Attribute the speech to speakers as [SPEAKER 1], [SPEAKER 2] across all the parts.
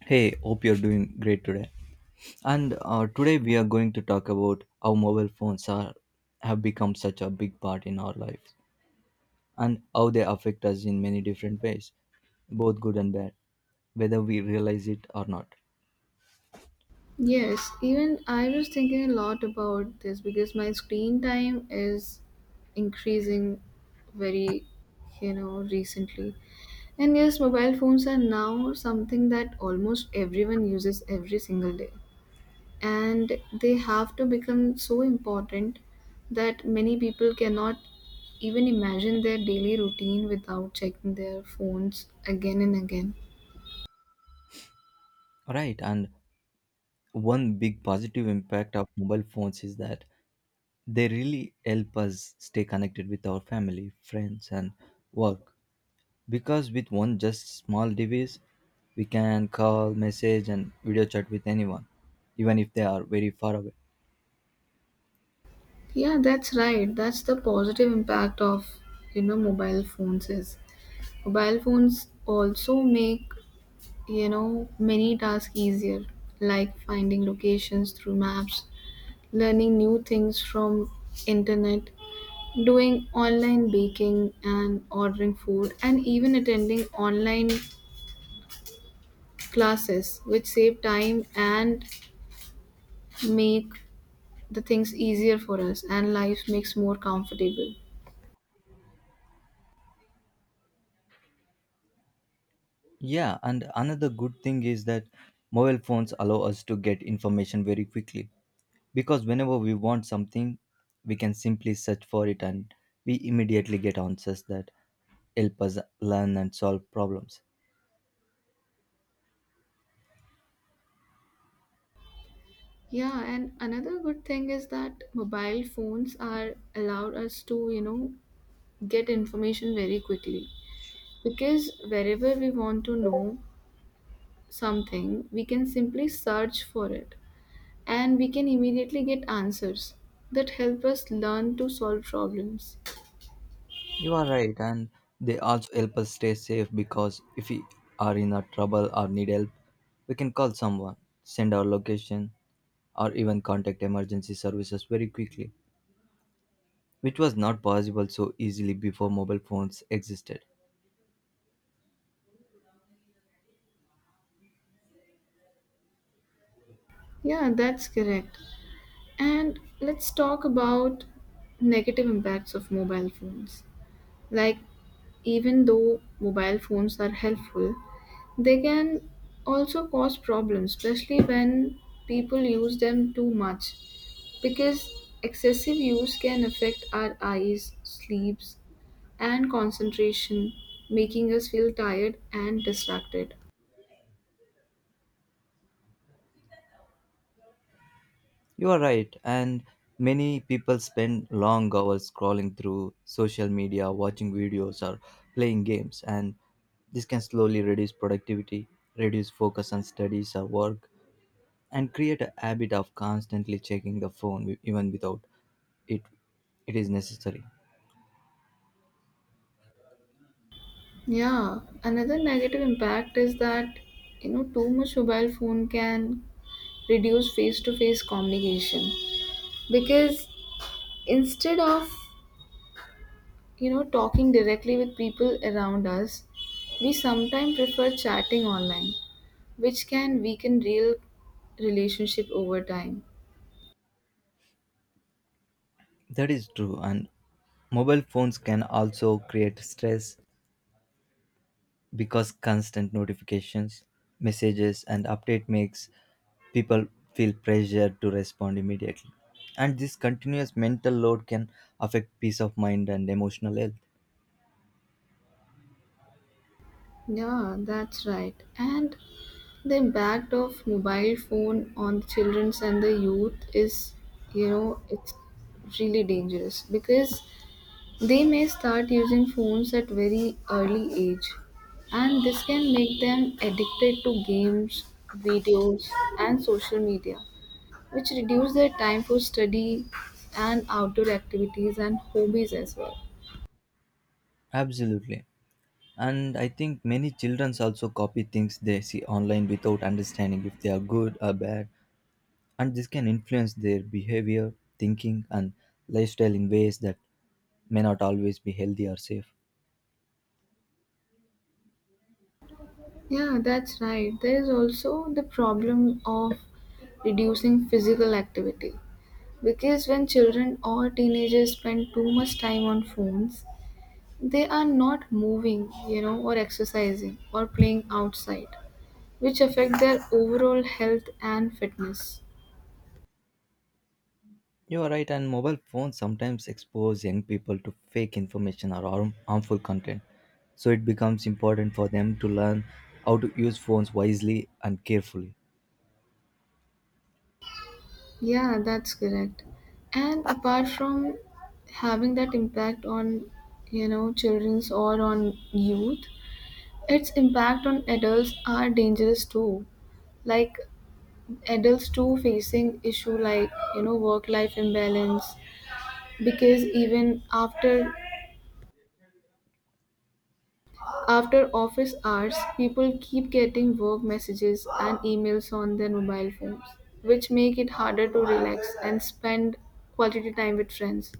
[SPEAKER 1] Hey, hope you're doing great today. And Today we are going to talk about how mobile phones are have become such a big part in our lives and how they affect us in many different ways, both good and bad, whether we realize it or not.
[SPEAKER 2] Yes, even I was thinking a lot about this because my screen time is increasing very, recently. And yes, mobile phones are now something that almost everyone uses every single day. And they have to become so important that many people cannot even imagine their daily routine without checking their phones again and again.
[SPEAKER 1] Right, and one big positive impact of mobile phones is that they really help us stay connected with our family, friends, and work. Because with one just small device, we can call, message, and video chat with anyone, even if they are very far away.
[SPEAKER 2] Yeah, that's right. That's the positive impact of, mobile phones is. Mobile phones also make, many tasks easier, like finding locations through maps, learning new things from internet, doing online baking and ordering food, and even attending online classes, which save time and make the things easier for us and life makes more comfortable.
[SPEAKER 1] Yeah, and another good thing is that mobile phones allow us to get information very quickly. Because whenever we want something, we can simply search for it and we immediately get answers that help us learn and solve problems.
[SPEAKER 2] Yeah, and another good thing is that mobile phones are allowed us to, get information very quickly. Because wherever we want to know something, we can simply search for it and we can immediately get answers that help us learn to solve problems.
[SPEAKER 1] You are right, and they also help us stay safe because if we are in a trouble or need help, we can call someone, send our location, or even contact emergency services very quickly, which was not possible so easily before mobile phones existed.
[SPEAKER 2] Yeah, that's correct. And let's talk about negative impacts of mobile phones. Like, even though mobile phones are helpful, they can also cause problems, especially when people use them too much, because excessive use can affect our eyes, sleeps, and concentration, making us feel tired and distracted.
[SPEAKER 1] You are right, and many people spend long hours scrolling through social media, watching videos, or playing games, and this can slowly reduce productivity, reduce focus on studies or work, and create a habit of constantly checking the phone even without it. It is necessary.
[SPEAKER 2] Yeah, another negative impact is that too much mobile phone can reduce face to face communication because instead of talking directly with people around us we sometimes prefer chatting online which can weaken real relationship over time.
[SPEAKER 1] That is true, and mobile phones can also create stress because constant notifications, messages, and update makes people feel pressure to respond immediately, and this continuous mental load can affect peace of mind and emotional health.
[SPEAKER 2] Yeah, that's right, and the impact of mobile phone on the children and the youth is it's really dangerous because they may start using phones at very early age, and this can make them addicted to games, videos, and social media, which reduce their time for study and outdoor activities and hobbies as well.
[SPEAKER 1] Absolutely. And I think many children also copy things they see online without understanding if they are good or bad. And this can influence their behavior, thinking, and lifestyle in ways that may not always be healthy or safe.
[SPEAKER 2] Yeah, that's right. There is also the problem of reducing physical activity because when children or teenagers spend too much time on phones, they are not moving, or exercising or playing outside, which affect their overall health and fitness.
[SPEAKER 1] You are right, and mobile phones sometimes expose young people to fake information or harmful content. So it becomes important for them to learn how to use phones wisely and carefully.
[SPEAKER 2] Yeah, that's correct. And apart from having that impact on, children's or on youth, its impact on adults are dangerous too. Like adults too facing issue like, work life imbalance because even after office hours, people keep getting work messages and emails on their mobile phones, which make it harder to relax and spend quality time with friends.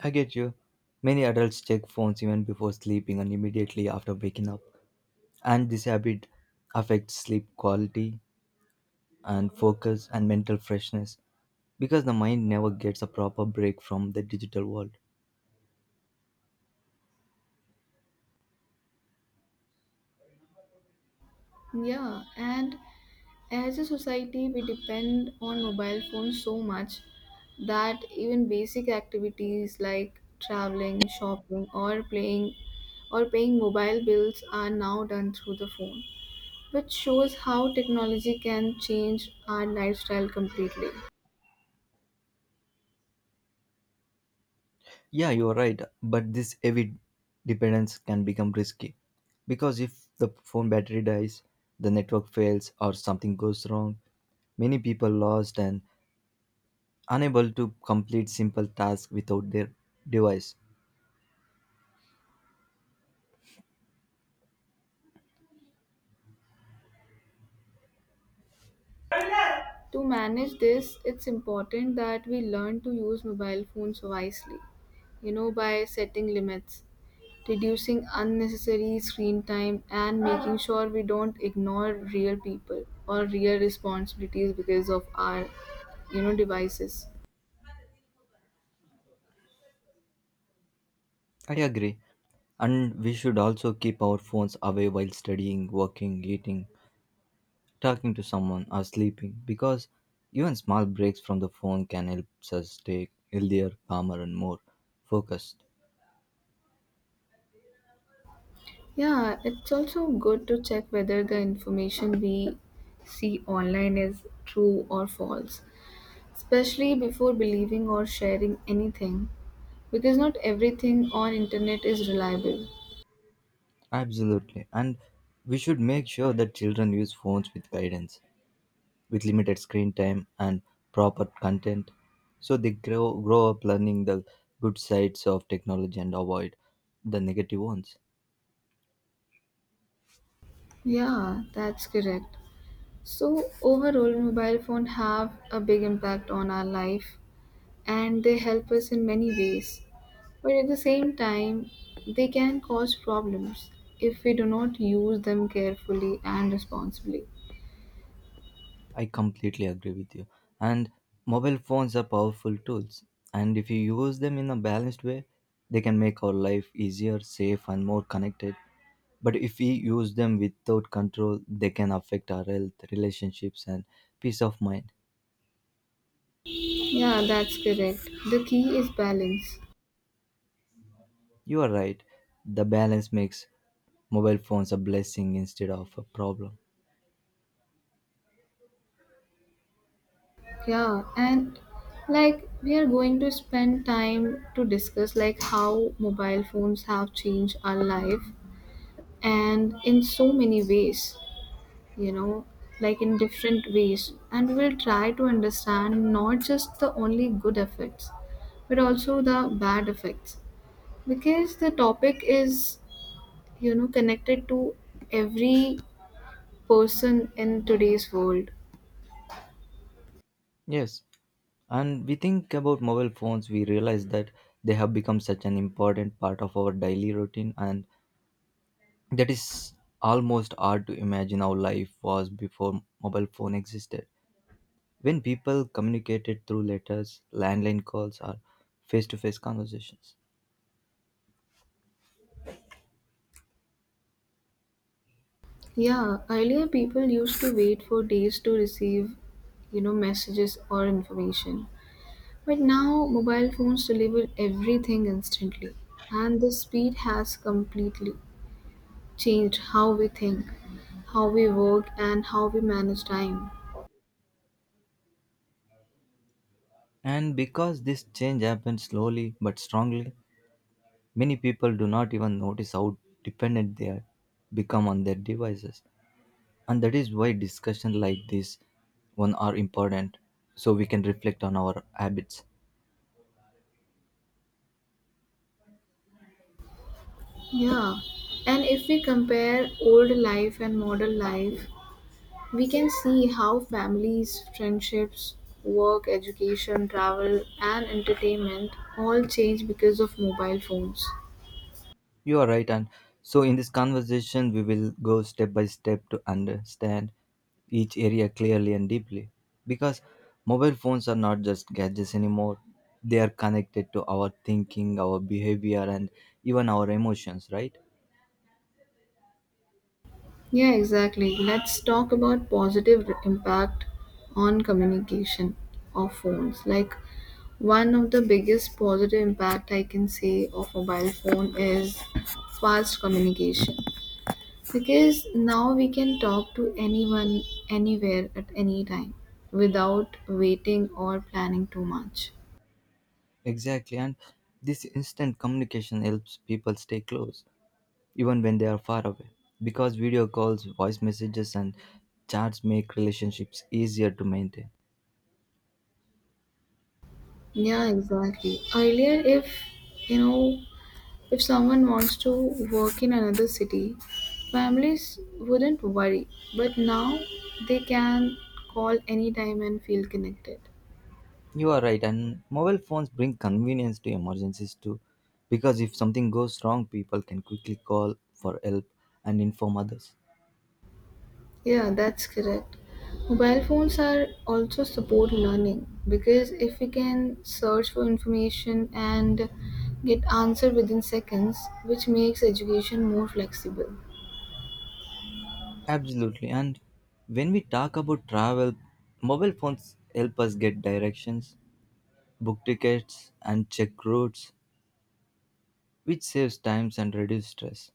[SPEAKER 1] I get you. Many adults check phones even before sleeping and immediately after waking up, and this habit affects sleep quality and focus and mental freshness because the mind never gets a proper break from the digital world.
[SPEAKER 2] Yeah, and as a society, we depend on mobile phones so much that even basic activities like traveling, shopping, or playing or paying mobile bills are now done through the phone, which shows how technology can change our lifestyle completely.
[SPEAKER 1] Yeah, you're right, but this heavy dependence can become risky because if the phone battery dies, the network fails, or something goes wrong, many people lost and unable to complete simple tasks without their device.
[SPEAKER 2] To manage this, it's important that we learn to use mobile phones wisely, by setting limits, reducing unnecessary screen time and making sure we don't ignore real people or real responsibilities because of our devices.
[SPEAKER 1] I agree. And we should also keep our phones away while studying, working, eating, talking to someone, or sleeping, because even small breaks from the phone can help us stay healthier, calmer, and more focused.
[SPEAKER 2] Yeah, it's also good to check whether the information we see online is true or false, especially before believing or sharing anything, because not everything on internet is reliable.
[SPEAKER 1] Absolutely. And we should make sure that children use phones with guidance, with limited screen time and proper content, so they grow up learning the good sides of technology and avoid the negative ones.
[SPEAKER 2] Yeah, that's correct. So overall, mobile phone have a big impact on our life and they help us in many ways. But at the same time, they can cause problems if we do not use them carefully and responsibly.
[SPEAKER 1] I completely agree with you. And mobile phones are powerful tools. And if you use them in a balanced way, they can make our life easier, safe, and more connected. But if we use them without control, they can affect our health, relationships, and peace of mind.
[SPEAKER 2] Yeah, that's correct. The key is balance.
[SPEAKER 1] You are right. The balance makes mobile phones a blessing instead of a problem.
[SPEAKER 2] Yeah, and like we are going to spend time to discuss like how mobile phones have changed our life and in so many ways. you know like in different ways, and we'll try to understand not just the only good effects but also the bad effects because the topic is connected to every person in today's world.
[SPEAKER 1] Yes. And we think about mobile phones, we realize that they have become such an important part of our daily routine, and that is almost hard to imagine how life was before mobile phone existed, when people communicated through letters, landline calls, or face-to-face conversations.
[SPEAKER 2] Yeah, earlier people used to wait for days to receive messages or information, but now mobile phones deliver everything instantly and the speed has completely changed how we think, how we work, and how we manage time.
[SPEAKER 1] And because this change happened slowly but strongly, many people do not even notice how dependent they are become on their devices. And that is why discussions like this one are important so we can reflect on our habits.
[SPEAKER 2] Yeah, and if we compare old life and modern life, we can see how families, friendships, work, education, travel, and entertainment all change because of mobile phones.
[SPEAKER 1] You are right, and so in this conversation, we will go step by step to understand each area clearly and deeply. Because mobile phones are not just gadgets anymore, they are connected to our thinking, our behavior, and even our emotions, right?
[SPEAKER 2] Yeah, exactly. Let's talk about positive impact on communication of phones. Like one of the biggest positive impact I can say of mobile phone is fast communication because now we can talk to anyone anywhere at any time without waiting or planning too much.
[SPEAKER 1] Exactly, and this instant communication helps people stay close, even when they are far away. Because video calls, voice messages, and chats make relationships easier to maintain.
[SPEAKER 2] Yeah, exactly. Earlier, if you know If someone wants to work in another city, families wouldn't worry, but now they can call anytime and feel connected.
[SPEAKER 1] You are right, and mobile phones bring convenience to emergencies too, because if something goes wrong, people can quickly call for help and inform others.
[SPEAKER 2] Yeah, that's correct. Mobile phones are also support learning because if we can search for information and get answer within seconds, which makes education more flexible.
[SPEAKER 1] Absolutely, and when we talk about travel, mobile phones help us get directions, book tickets, and check routes, which saves times and reduce stress.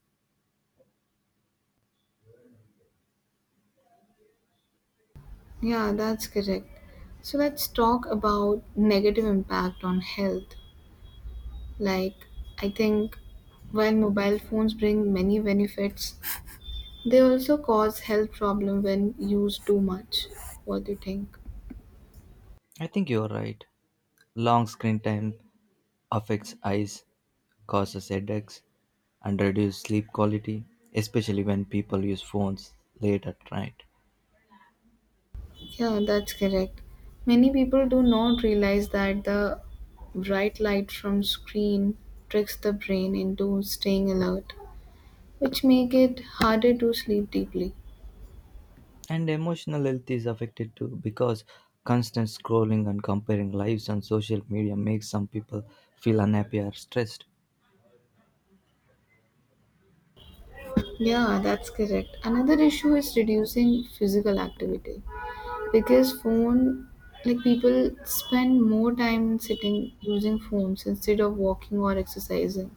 [SPEAKER 2] Yeah, that's correct. So let's talk about negative impact on health. Like, I think while mobile phones bring many benefits, they also cause health problem when used too much. What do you think?
[SPEAKER 1] I think you're right. Long screen time affects eyes, causes headaches, and reduces sleep quality, especially when people use phones late at night.
[SPEAKER 2] Yeah, that's correct. Many people do not realize that the bright light from screen tricks the brain into staying alert, which make it harder to sleep deeply.
[SPEAKER 1] And emotional health is affected too because constant scrolling and comparing lives on social media makes some people feel unhappy or stressed.
[SPEAKER 2] Yeah, that's correct. Another issue is reducing physical activity, because phone like people spend more time sitting using phones instead of walking or exercising.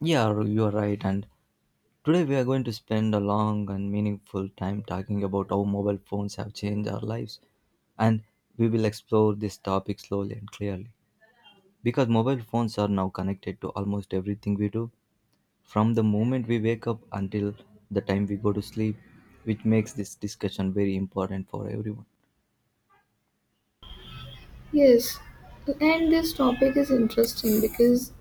[SPEAKER 1] Yeah, you're right. And today, we are going to spend a long and meaningful time talking about how mobile phones have changed our lives, and we will explore this topic slowly and clearly. Because mobile phones are now connected to almost everything we do, from the moment we wake up until the time we go to sleep, which makes this discussion very important for everyone.
[SPEAKER 2] Yes, and this topic is interesting because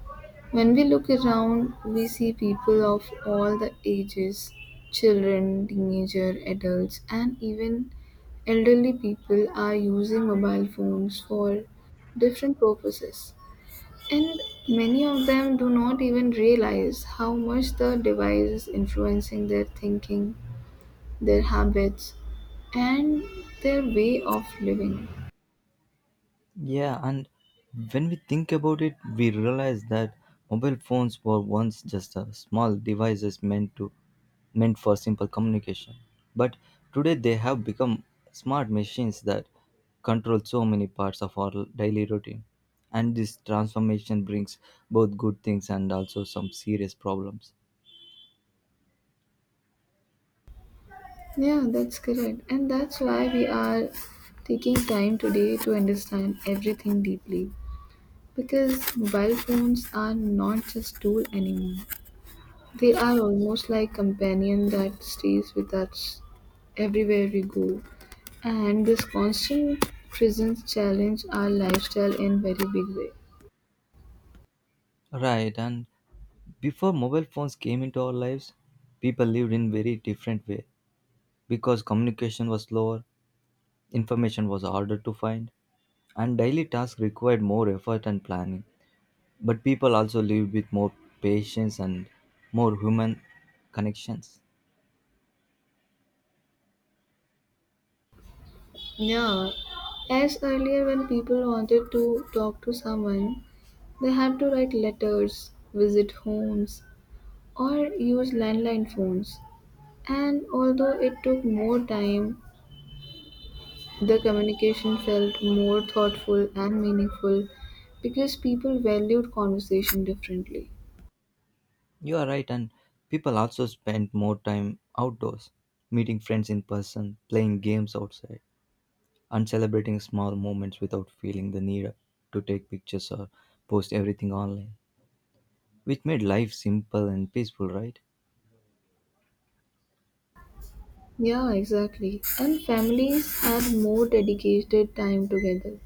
[SPEAKER 2] when we look around we see people of all the ages, children, teenager, adults, and even elderly people are using mobile phones for different purposes. And many of them do not even realize how much the device is influencing their thinking, their habits, and their way of living.
[SPEAKER 1] Yeah, and when we think about it, we realize that mobile phones were once just a small devices meant for simple communication. But today they have become smart machines that control so many parts of our daily routine. And this transformation brings both good things and also some serious problems.
[SPEAKER 2] Yeah, that's correct. And that's why we are taking time today to understand everything deeply. Because mobile phones are not just tool anymore. They are almost like companion that stays with us everywhere we go, and this constant presence challenge our lifestyle in very big way.
[SPEAKER 1] Right, and before mobile phones came into our lives, people lived in very different way because communication was slower. Information was harder to find, and daily tasks required more effort and planning. But people also lived with more patience and more human connections.
[SPEAKER 2] Yeah, as earlier when people wanted to talk to someone, they had to write letters, visit homes, or use landline phones. And although it took more time, the communication felt more thoughtful and meaningful because people valued conversation differently.
[SPEAKER 1] You are right, and people also spent more time outdoors, meeting friends in person, playing games outside, and celebrating small moments without feeling the need to take pictures or post everything online, which made life simple and peaceful, right?
[SPEAKER 2] Yeah, exactly. And families had more dedicated time together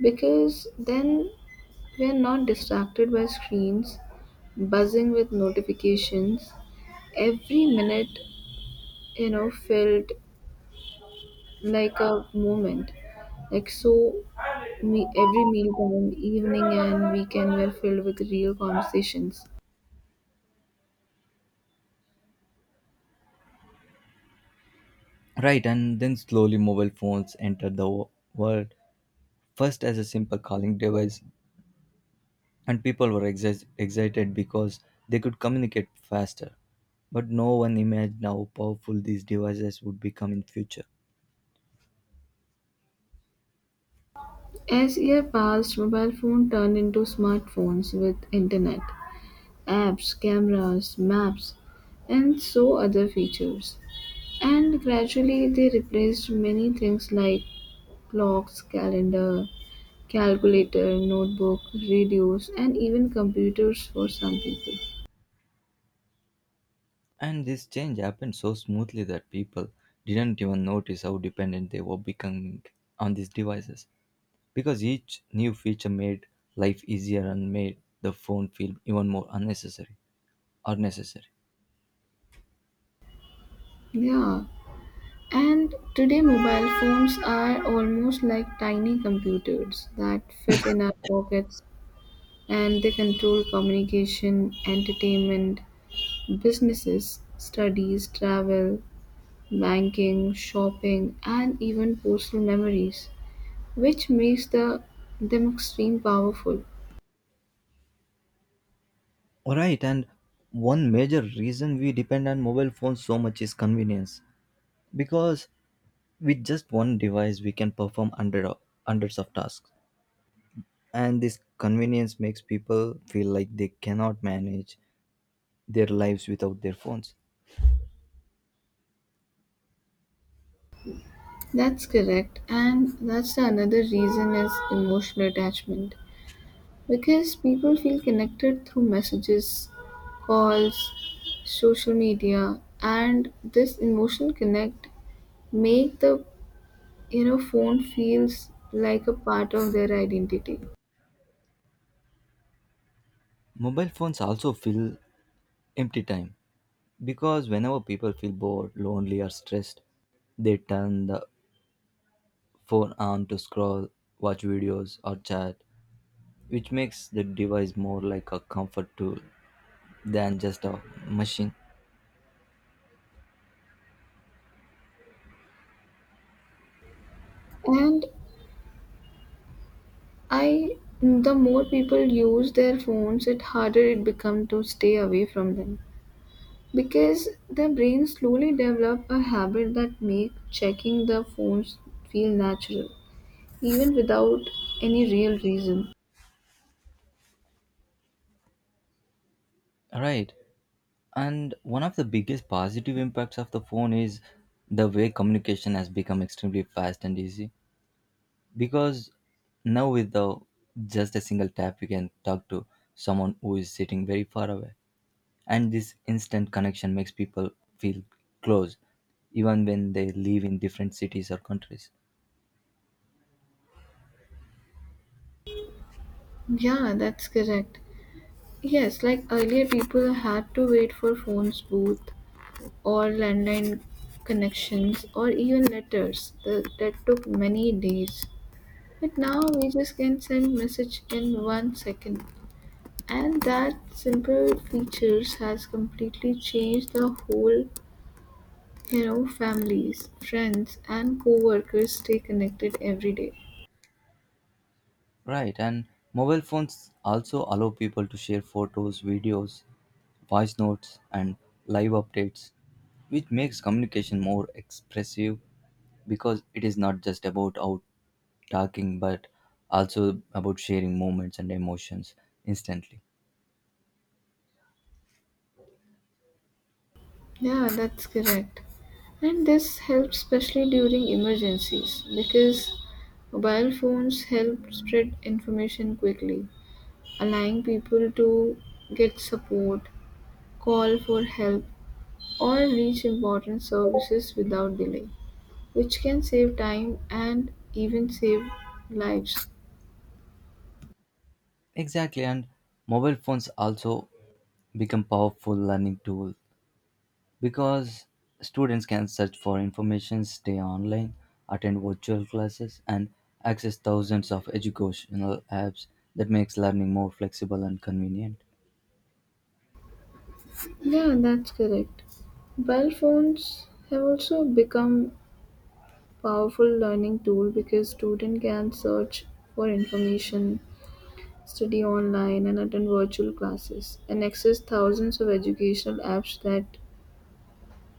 [SPEAKER 2] because then we're not distracted by screens, buzzing with notifications. Every minute, felt like a moment. Like so, me every meal time, evening and weekend were filled with real conversations.
[SPEAKER 1] Right, and then slowly mobile phones entered the world first as a simple calling device, and people were excited because they could communicate faster. But no one imagined how powerful these devices would become in future.
[SPEAKER 2] As years passed, mobile phones turned into smartphones with internet, apps, cameras, maps, and so other features. And gradually they replaced many things like clocks, calendar, calculator, notebook, radios, and even computers for some people.
[SPEAKER 1] And this change happened so smoothly that people didn't even notice how dependent they were becoming on these devices because each new feature made life easier and made the phone feel even more unnecessary or necessary.
[SPEAKER 2] Yeah. And today, mobile phones are almost like tiny computers that fit in our pockets and they control communication, entertainment, businesses, studies, travel, banking, shopping, and even personal memories, which makes them extreme powerful.
[SPEAKER 1] All right, and one major reason we depend on mobile phones so much is convenience, because with just one device we can perform under hundreds of tasks, and this convenience makes people feel like they cannot manage their lives without their phones.
[SPEAKER 2] That's correct, and that's the another reason is emotional attachment because people feel connected through messages, calls, social media, and this emotional connect make the phone feels like a part of their identity.
[SPEAKER 1] Mobile phones also fill empty time because whenever people feel bored, lonely, or stressed, they turn the phone on to scroll, watch videos, or chat, which makes the device more like a comfort tool than just a machine.
[SPEAKER 2] And i the more people use their phones it harder it becomes to stay away from them because their brains slowly develop a habit that make checking the phones feel natural even without any real reason.
[SPEAKER 1] All right. And one of the biggest positive impacts of the phone is the way communication has become extremely fast and easy. Because now, just a single tap, you can talk to someone who is sitting very far away. And this instant connection makes people feel close, even when they live in different cities or countries.
[SPEAKER 2] Yeah, that's correct. Yes, like earlier, people had to wait for phones, booth, or landline connections, or even letters. That took many days. But now we just can send message in 1 second, and that simple features has completely changed the whole. You know, families, friends, and co-workers stay connected every day.
[SPEAKER 1] Right, and mobile phones also allow people to share photos, videos, voice notes, and live updates, which makes communication more expressive because it is not just about out talking but also about sharing moments and emotions instantly.
[SPEAKER 2] Yeah, that's correct. And this helps especially during emergencies because mobile phones help spread information quickly, allowing people to get support, call for help, or reach important services without delay, which can save time and even save lives.
[SPEAKER 1] Exactly, and mobile phones also become powerful learning tools because students can search for information, stay online, attend virtual classes, and access thousands of educational apps that makes learning more flexible and convenient.
[SPEAKER 2] Yeah, that's correct. Mobile phones have also become powerful learning tool because student can search for information, study online and attend virtual classes and access thousands of educational apps that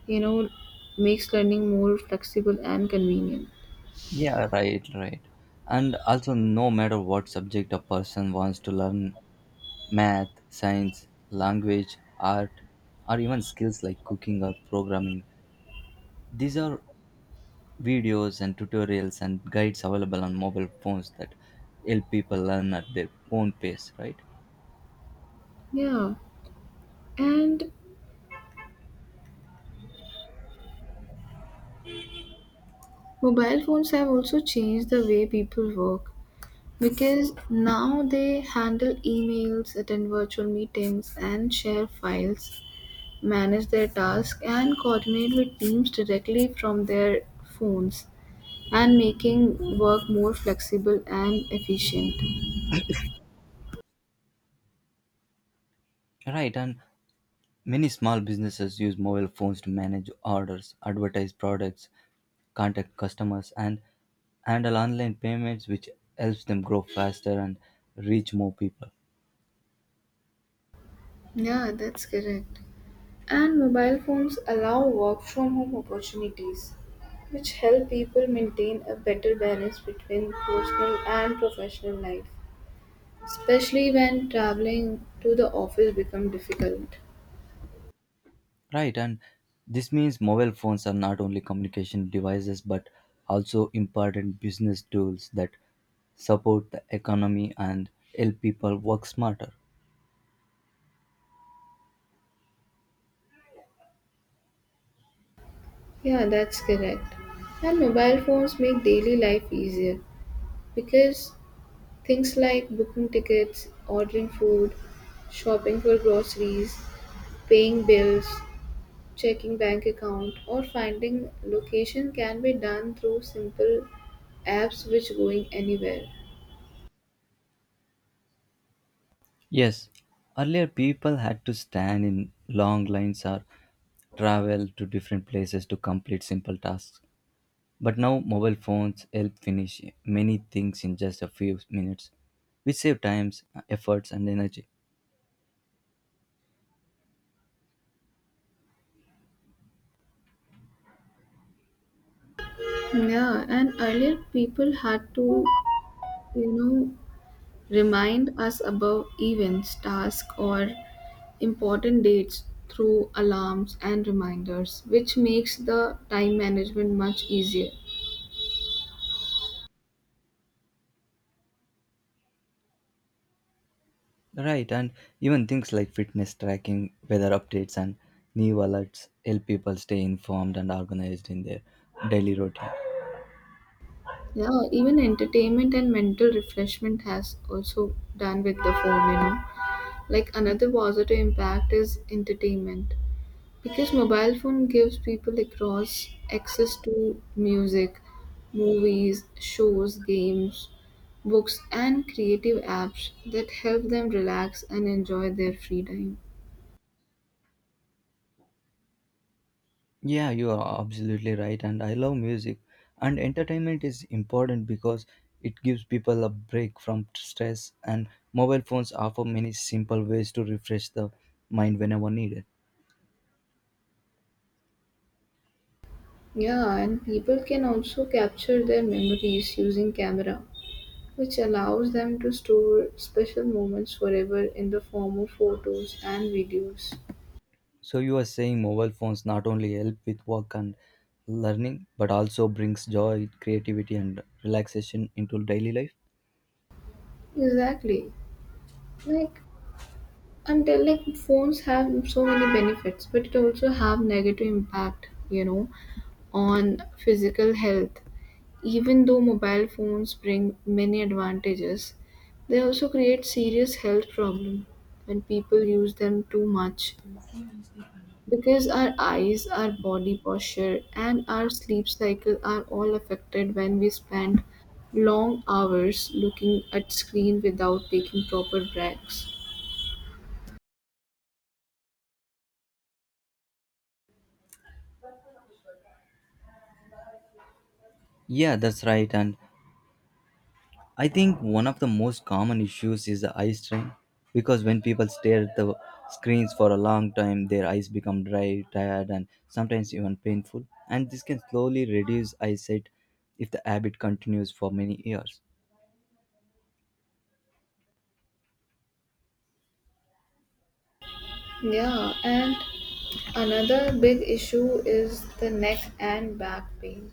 [SPEAKER 2] you know makes learning more flexible and convenient.
[SPEAKER 1] Yeah, right. And also, no matter what subject a person wants to learn, math, science, language, art, or even skills like cooking or programming, these are videos and tutorials and guides available on mobile phones that help people learn at their own pace, right?
[SPEAKER 2] Yeah, and mobile phones have also changed the way people work because now they handle emails, attend virtual meetings, and share files, manage their tasks, and coordinate with teams directly from their phones, and making work more flexible and efficient.
[SPEAKER 1] Right, and many small businesses use mobile phones to manage orders, advertise products, contact customers, and handle online payments, which helps them grow faster and reach more people.
[SPEAKER 2] Yeah, that's correct. And mobile phones allow work from home opportunities, which help people maintain a better balance between personal and professional life, especially when traveling to the office become difficult.
[SPEAKER 1] Right, and this means mobile phones are not only communication devices but also important business tools that support the economy and help people work smarter.
[SPEAKER 2] Yeah, that's correct. And mobile phones make daily life easier because things like booking tickets, ordering food, shopping for groceries, paying bills, checking bank account, or finding location can be done through simple apps which going anywhere.
[SPEAKER 1] Yes, earlier people had to stand in long lines or travel to different places to complete simple tasks. But now mobile phones help finish many things in just a few minutes, which save times, efforts, and energy.
[SPEAKER 2] Yeah, and earlier people had to, you know, remind us about events, tasks, or important dates through alarms and reminders, which makes the time management much easier.
[SPEAKER 1] Right, and even things like fitness tracking, weather updates, and new alerts help people stay informed and organized in their daily routine.
[SPEAKER 2] Yeah, even entertainment and mental refreshment has also done with the phone. Like another positive impact is entertainment. Because mobile phone gives people across access to music, movies, shows, games, books and creative apps that help them relax and enjoy their free time.
[SPEAKER 1] Yeah, you are absolutely right, and I love music. And entertainment is important because it gives people a break from stress, and mobile phones offer many simple ways to refresh the mind whenever needed.
[SPEAKER 2] Yeah, and people can also capture their memories using camera which allows them to store special moments forever in the form of photos and videos.
[SPEAKER 1] So, you are saying mobile phones not only help with work and learning, but also brings joy, creativity, and relaxation into daily life?
[SPEAKER 2] Exactly. Like until like phones have so many benefits, but it also have negative impact, on physical health. Even though mobile phones bring many advantages, they also create serious health problem when people use them too much. Because our eyes, our body posture, and our sleep cycle are all affected when we spend long hours looking at screen without taking proper breaks.
[SPEAKER 1] Yeah, that's right. And I think one of the most common issues is the eye strain because when people stare at the screens for a long time, their eyes become dry, tired, and sometimes even painful. And this can slowly reduce eyesight if the habit continues for many years.
[SPEAKER 2] Yeah, and another big issue is the neck and back pain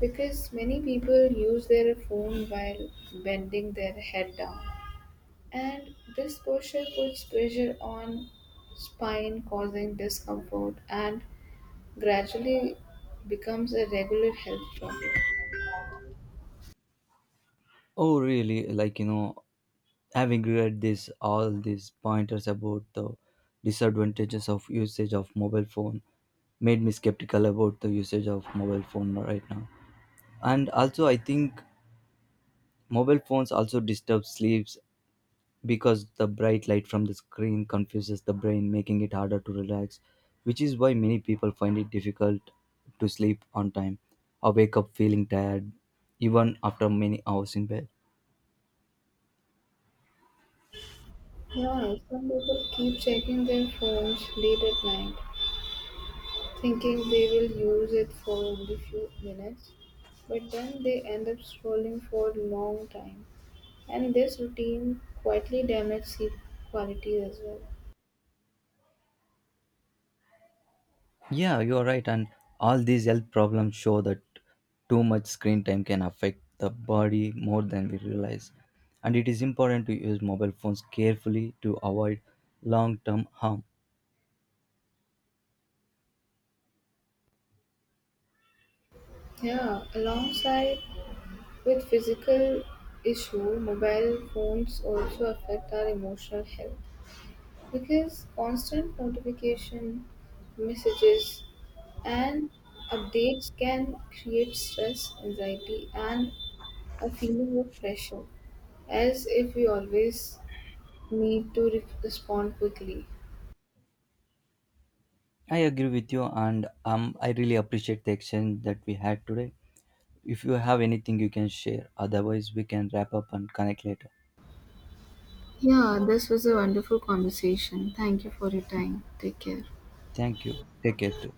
[SPEAKER 2] because many people use their phone while bending their head down. And this posture puts pressure on spine causing discomfort and gradually becomes a regular health problem.
[SPEAKER 1] Oh, really? Having read this, all these pointers about the disadvantages of usage of mobile phone made me skeptical about the usage of mobile phone right now. And also I think mobile phones also disturb sleeps because the bright light from the screen confuses the brain, making it harder to relax, which is why many people find it difficult to sleep on time or wake up feeling tired even after many hours in bed.
[SPEAKER 2] Yeah, some people keep checking their phones late at night, thinking they will use it for only few minutes, but then they end up scrolling for a long time. And this routine quietly damages sleep quality as well.
[SPEAKER 1] Yeah, you're right, and all these health problems show that too much screen time can affect the body more than we realize, and it is important to use mobile phones carefully to avoid long term harm.
[SPEAKER 2] Yeah, alongside with physical issue, mobile phones also affect our emotional health because constant notification, messages, and updates can create stress, anxiety, and a feeling of pressure, as if we always need to respond quickly.
[SPEAKER 1] I agree with you, and I really appreciate the exchange that we had today. If you have anything you can share, otherwise, we can wrap up and connect later.
[SPEAKER 2] Yeah, this was a wonderful conversation. Thank you for your time. Take care.
[SPEAKER 1] Thank you. Take care too.